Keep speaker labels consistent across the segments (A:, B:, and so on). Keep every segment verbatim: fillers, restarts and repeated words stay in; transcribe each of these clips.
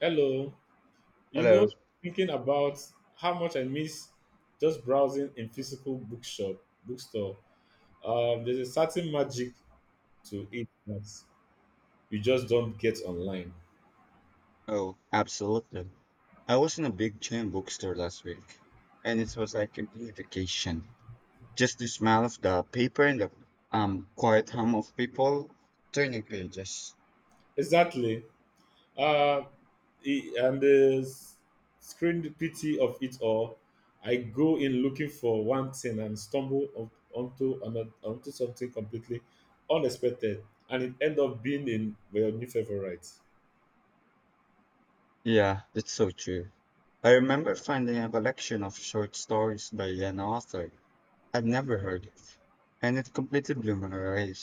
A: Hello. You know,
B: Hello.
A: thinking about how much I miss just browsing in physical bookshop, bookstore. Um, there's a certain magic to it that you just don't get online.
B: Oh, absolutely. I was in a big chain bookstore last week, and it was like a mini vacation. Just the smell of the paper and the um quiet hum of people turning pages.
A: Exactly. Uh, e- and the s- Screen pity of it all, I go in looking for one thing and stumble on- onto ano- onto something completely unexpected, and it end up being in my new favorite.
B: Yeah, that's so true. I remember finding a collection of short stories by an author I'd never heard of, and it completely blew my away.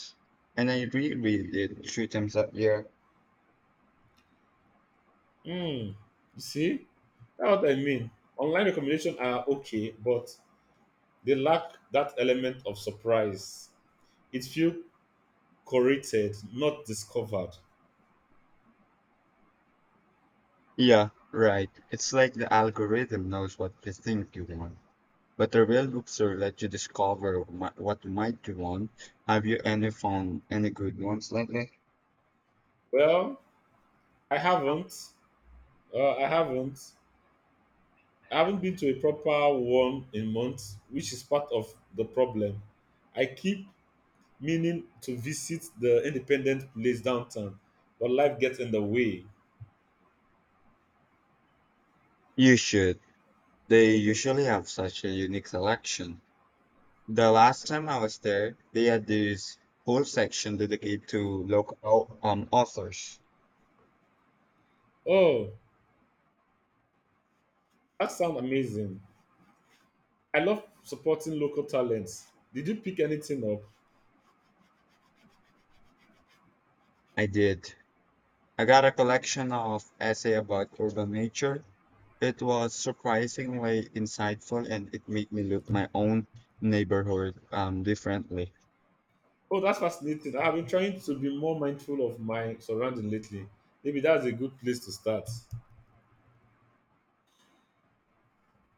B: And I reread it three times that year.
A: Hmm. You see, that's what I mean. Online recommendations are okay, but they lack that element of surprise. It feels curated, not discovered.
B: Yeah, right. It's like the algorithm knows what they think you want. But the real bookstore lets you discover mi- what might you want. Have you any found any good ones lately?
A: Well, I haven't. Uh, I haven't. I haven't been to a proper one in months, which is part of the problem. I keep meaning to visit the independent place downtown, but life gets in the way.
B: You should. They usually have such a unique selection. The last time I was there, they had this whole section dedicated to local um, authors.
A: Oh, that sounds amazing. I love supporting local talents. Did you pick anything up?
B: I did. I got a collection of essay about urban nature. It was surprisingly insightful and it made me look my own neighborhood um, differently.
A: Oh, that's fascinating. I've been trying to be more mindful of my surrounding lately. Maybe that's a good place to start.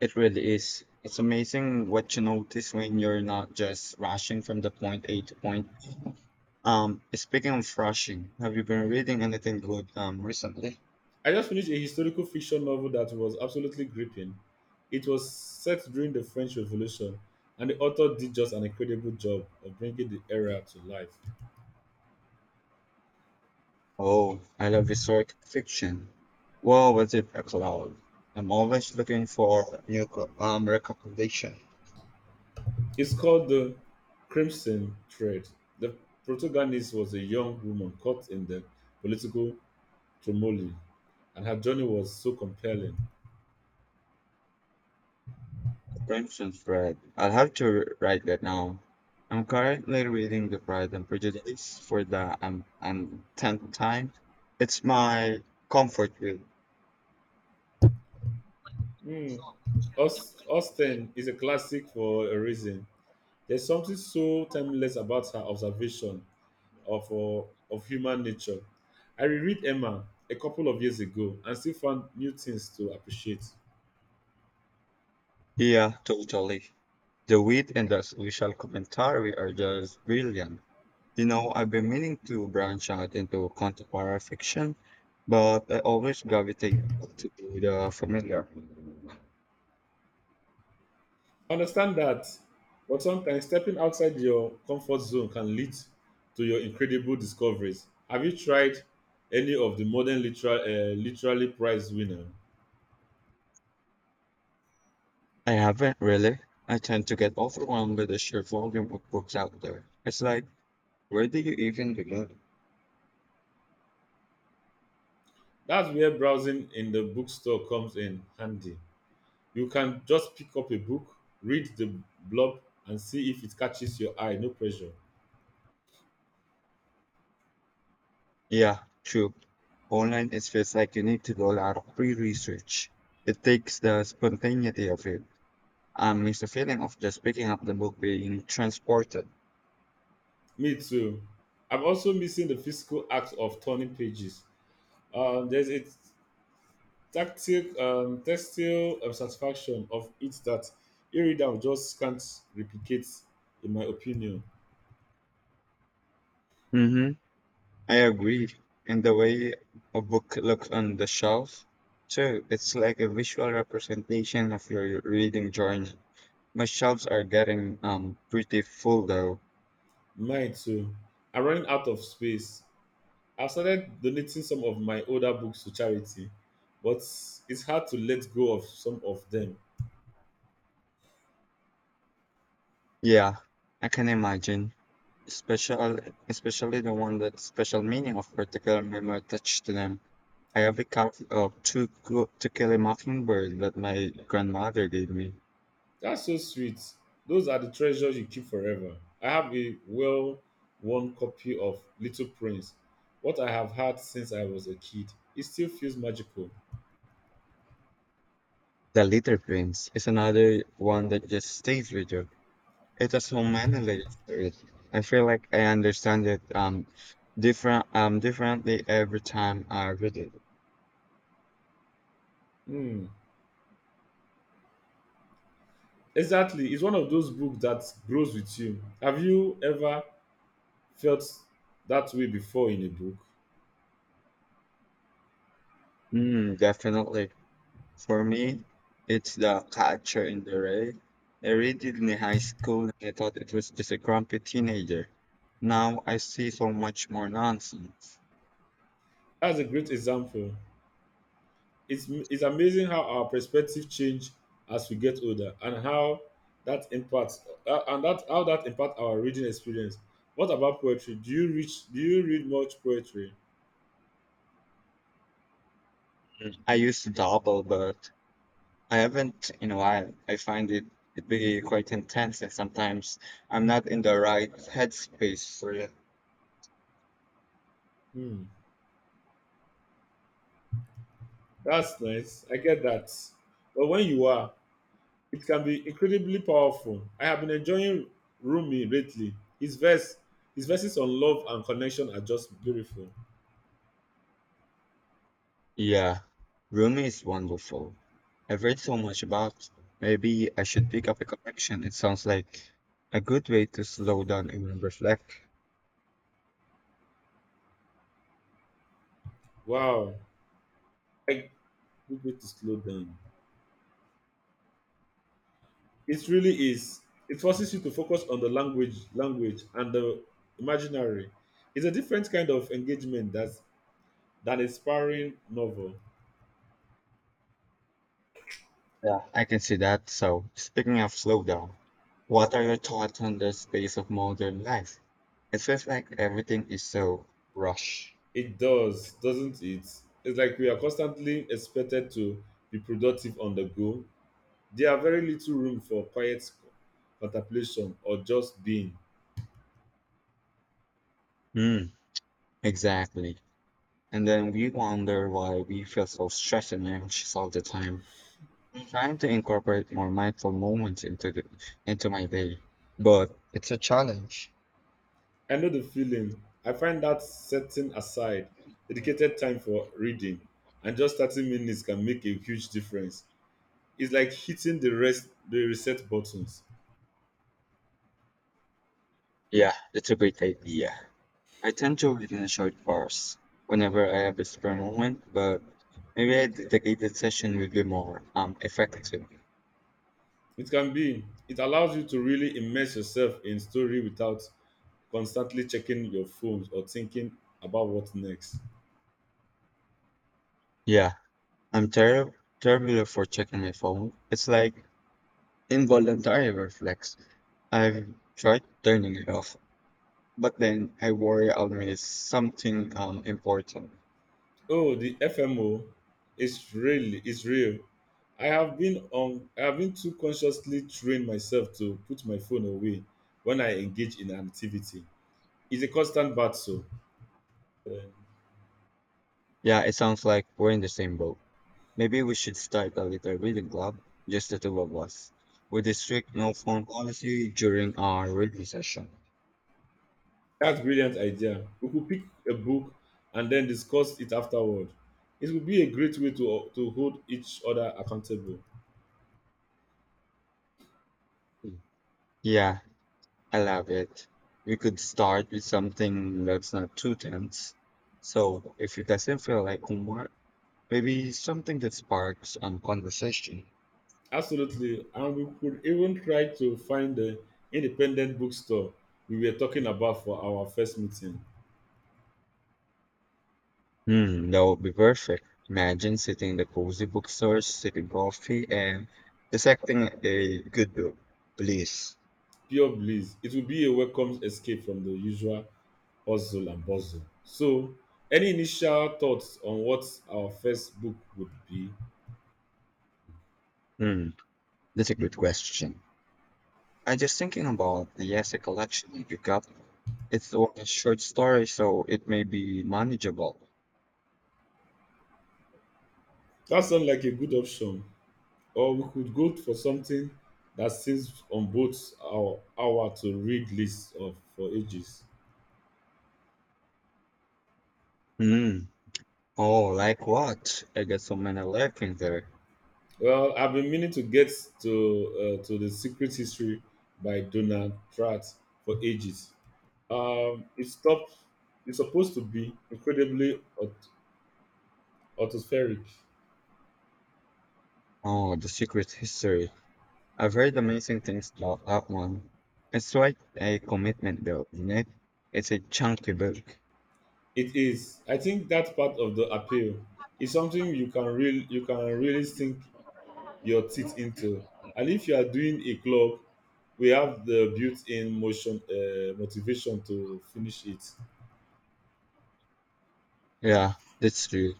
B: It really is. It's amazing what you notice when you're not just rushing from the point A to point. Um, speaking of rushing, have you been reading anything good um recently?
A: I just finished a historical fiction novel that was absolutely gripping. It was set during the French Revolution, and the author did just an incredible job of bringing the era to life.
B: Oh, I love historic fiction. Whoa, was it a cloud? I'm always looking for new co- um recommendation.
A: It's called The Crimson Thread. The protagonist was a young woman caught in the political turmoil, and her journey was so compelling.
B: Crimson Thread. I'll have to write that now. I'm currently reading The Pride and Prejudice for the um, um tenth time. It's my comfort read.
A: Mm. Aus- Austen is a classic for a reason. There's something so timeless about her observation of uh, of human nature. I reread Emma a couple of years ago and still found new things to appreciate.
B: Yeah, totally. The wit and the social commentary are just brilliant. You know, I've been meaning to branch out into contemporary fiction, but I always gravitate to the familiar.
A: I understand that, but sometimes stepping outside your comfort zone can lead to your incredible discoveries. Have you tried any of the modern literal uh, literary prize winner?
B: I haven't really. I tend to get overwhelmed with the sheer volume of books out there. It's like, where do you even begin?
A: That's where browsing in the bookstore comes in handy. You can just pick up a book, read the blob, and see if it catches your eye. No pressure.
B: Yeah, true. Online, it feels like you need to do a lot of pre research. It takes the spontaneity of it. I miss the feeling of just picking up the book, being transported.
A: Me too. I'm also missing the physical act of turning pages. Um, there's a tactile, um, textile um, satisfaction of it that e-reader just can't replicate, in my opinion.
B: hmm I agree. And the way a book looks on the shelf, too, it's like a visual representation of your reading journey. My shelves are getting um pretty full though.
A: Mine too. I'm running out of space. I've started donating some of my older books to charity, but it's hard to let go of some of them.
B: Yeah, I can imagine. Special, especially the one that special meaning of particular memory attached to them. I have a copy of Two Clo- To Kill a Mockingbird that my grandmother gave me.
A: That's so sweet. Those are the treasures you keep forever. I have a well worn copy of Little Prince, what I have had since I was a kid. It still feels magical.
B: The Little Prince is another one that just stays with you. It has so many layers to it. I feel like I understand it um different um differently every time I read it.
A: Hmm. Exactly. It's one of those books that grows with you. Have you ever felt that way before in a book?
B: Mm, definitely. For me, it's the culture in the rain. I read it in high school and I thought it was just a grumpy teenager. Now I see so much more nonsense.
A: That's a great example. It's, it's amazing how our perspective change as we get older and how that impacts uh, and that how that impacts our reading experience. What about poetry? Do you reach do you read much poetry?
B: Mm, I used to double, but I haven't in a while. I find it to be quite intense, and sometimes I'm not in the right headspace for it.
A: Hmm. That's nice. I get that. But when you are, it can be incredibly powerful. I have been enjoying Rumi lately. His verse his verses on love and connection are just beautiful.
B: Yeah, Rumi is wonderful. I've read so much about. Maybe I should pick up a collection. It sounds like a good way to slow down and reflect.
A: Wow. I good way to slow down. It really is. It forces you to focus on the language, language and the imaginary. It's a different kind of engagement that's than a sparring novel.
B: Yeah, I can see that. So, speaking of slow down, what are your thoughts on the space of modern life? It feels like everything is so rushed.
A: It does, doesn't it? It's like we are constantly expected to be productive on the go. There are very little room for quiet contemplation or just being.
B: Hmm, exactly. And then we wonder why we feel so stressed and anxious all the time. I'm trying to incorporate more mindful moments into the, into my day. But it's a challenge.
A: I know the feeling. I find that setting aside dedicated time for reading and just thirty minutes can make a huge difference. It's like hitting the rest the reset buttons.
B: yeah, it's a great idea. I tend to read in short bursts whenever I have a spare moment, but maybe a dedicated session would be more um effective.
A: It can be. It allows you to really immerse yourself in story without constantly checking your phones or thinking about what's next.
B: Yeah, I'm terrible terrible for checking my phone. It's like involuntary reflex. I've tried turning it off, But then I worry I'll miss something um important.
A: Oh, the F M O is really is real. I have been on I have been too consciously trained myself to put my phone away when I engage in an activity. It's a constant battle. Uh,
B: Yeah, it sounds like we're in the same boat. Maybe we should start a little reading club, just the two of us, with a strict no phone policy during our reading session.
A: That's brilliant idea. We could pick a book and then discuss it afterward. It would be a great way to to hold each other accountable.
B: Mm. Yeah, I love it. We could start with something that's not too tense. So if it doesn't feel like homework, maybe something that sparks um conversation.
A: Absolutely, and we could even try to find the independent bookstore we were talking about for our first meeting.
B: Hmm, that would be perfect. Imagine sitting in the cozy bookstore, sipping coffee, and dissecting a good book. Please.
A: Pure bliss. It would be a welcome escape from the usual hustle and bustle. So, any initial thoughts on what our first book would be?
B: Hmm, that's a good question. i just thinking about the essay collection you pick up. It's only a short story, so it may be manageable.
A: That sounds like a good option. Or we could go for something that sits on both our our to read list of for ages.
B: Hmm. Oh, like what? I got so many left in there.
A: Well, I've been meaning to get to uh, to the Secret History by Donald Pratt for ages. Um, it's top. It's supposed to be incredibly aut- atmospheric.
B: Oh, the secret history. I've heard amazing things about that one. It's quite a commitment, though, isn't it? It's a chunky book.
A: It is. I think that part of the appeal is something you can real you can really sink your teeth into. And if you are doing a club, we have the built-in motion uh, motivation to finish it.
B: Yeah, that's true.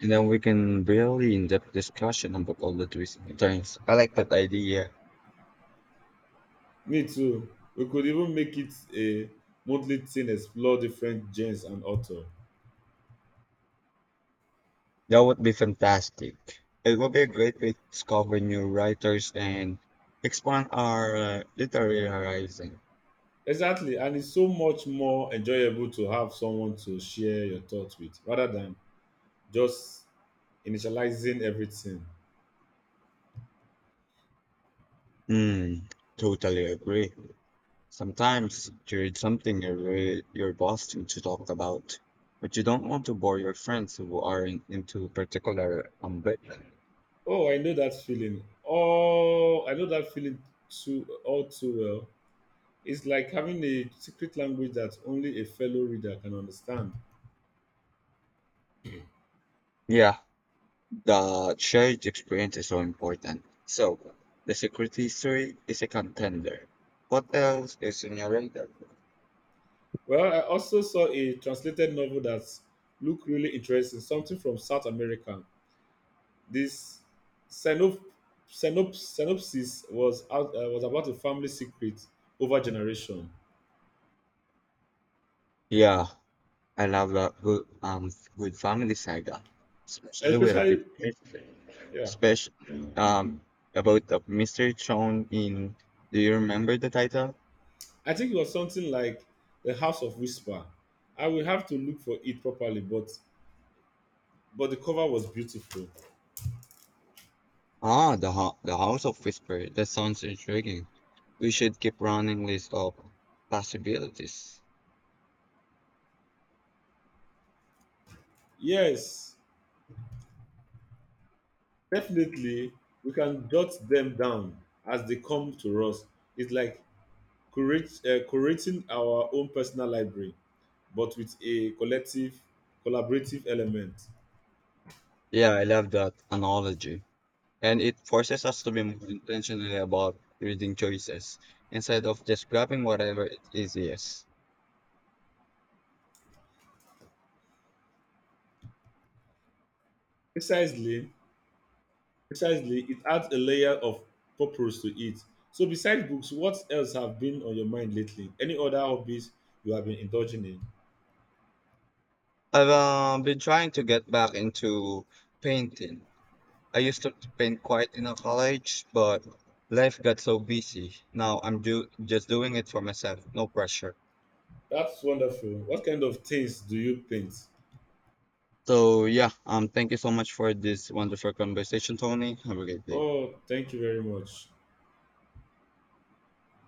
B: And then we can really in-depth discussion about all the twists and turns. I like that idea.
A: Me too. We could even make it a monthly thing, explore different genres and author.
B: That would be fantastic. It would be a great way to discover new writers and expand our uh, literary horizon.
A: Exactly, and it's so much more enjoyable to have someone to share your thoughts with rather than just initializing everything.
B: Mm, totally agree. Sometimes you read something you're, re- you're busting to talk about, but you don't want to bore your friends who aren't into particular um,
A: Oh, I know that feeling. Oh, I know that feeling too all too well. It's like having a secret language that only a fellow reader can understand.
B: Yeah, the shared experience is so important. So, the secret history is a contender. What else is on your radar?
A: Well, I also saw a translated novel that looked really interesting, something from South America. This synop- synop- synopsis was out, uh, was about a family secret over generation.
B: Yeah, I love a good, um, good family saga, especially with a bit
A: Especially, yeah,
B: special um about the mystery shown in. Do you remember the title?
A: I think it was something like The House of Whisper. I will have to look for it properly, but but the cover was beautiful.
B: Ah, the Ho- the House of Whisper. That sounds intriguing. We should keep running list of possibilities.
A: Yes, definitely, we can jot them down as they come to us. It's like curate, uh, curating our own personal library, but with a collective, collaborative element.
B: Yeah, I love that analogy. And it forces us to be more intentional about reading choices instead of just grabbing whatever is easiest.
A: Precisely, Precisely, it adds a layer of purpose to it. So, besides books, what else have been on your mind lately? Any other hobbies you have been indulging in?
B: I've uh, been trying to get back into painting. I used to paint quite in a college, but life got so busy. Now I'm do- just doing it for myself, no pressure.
A: That's wonderful. What kind of things do you paint?
B: So yeah, um, thank you so much for this wonderful conversation, Tony. Have a great day.
A: Oh, thank you very much.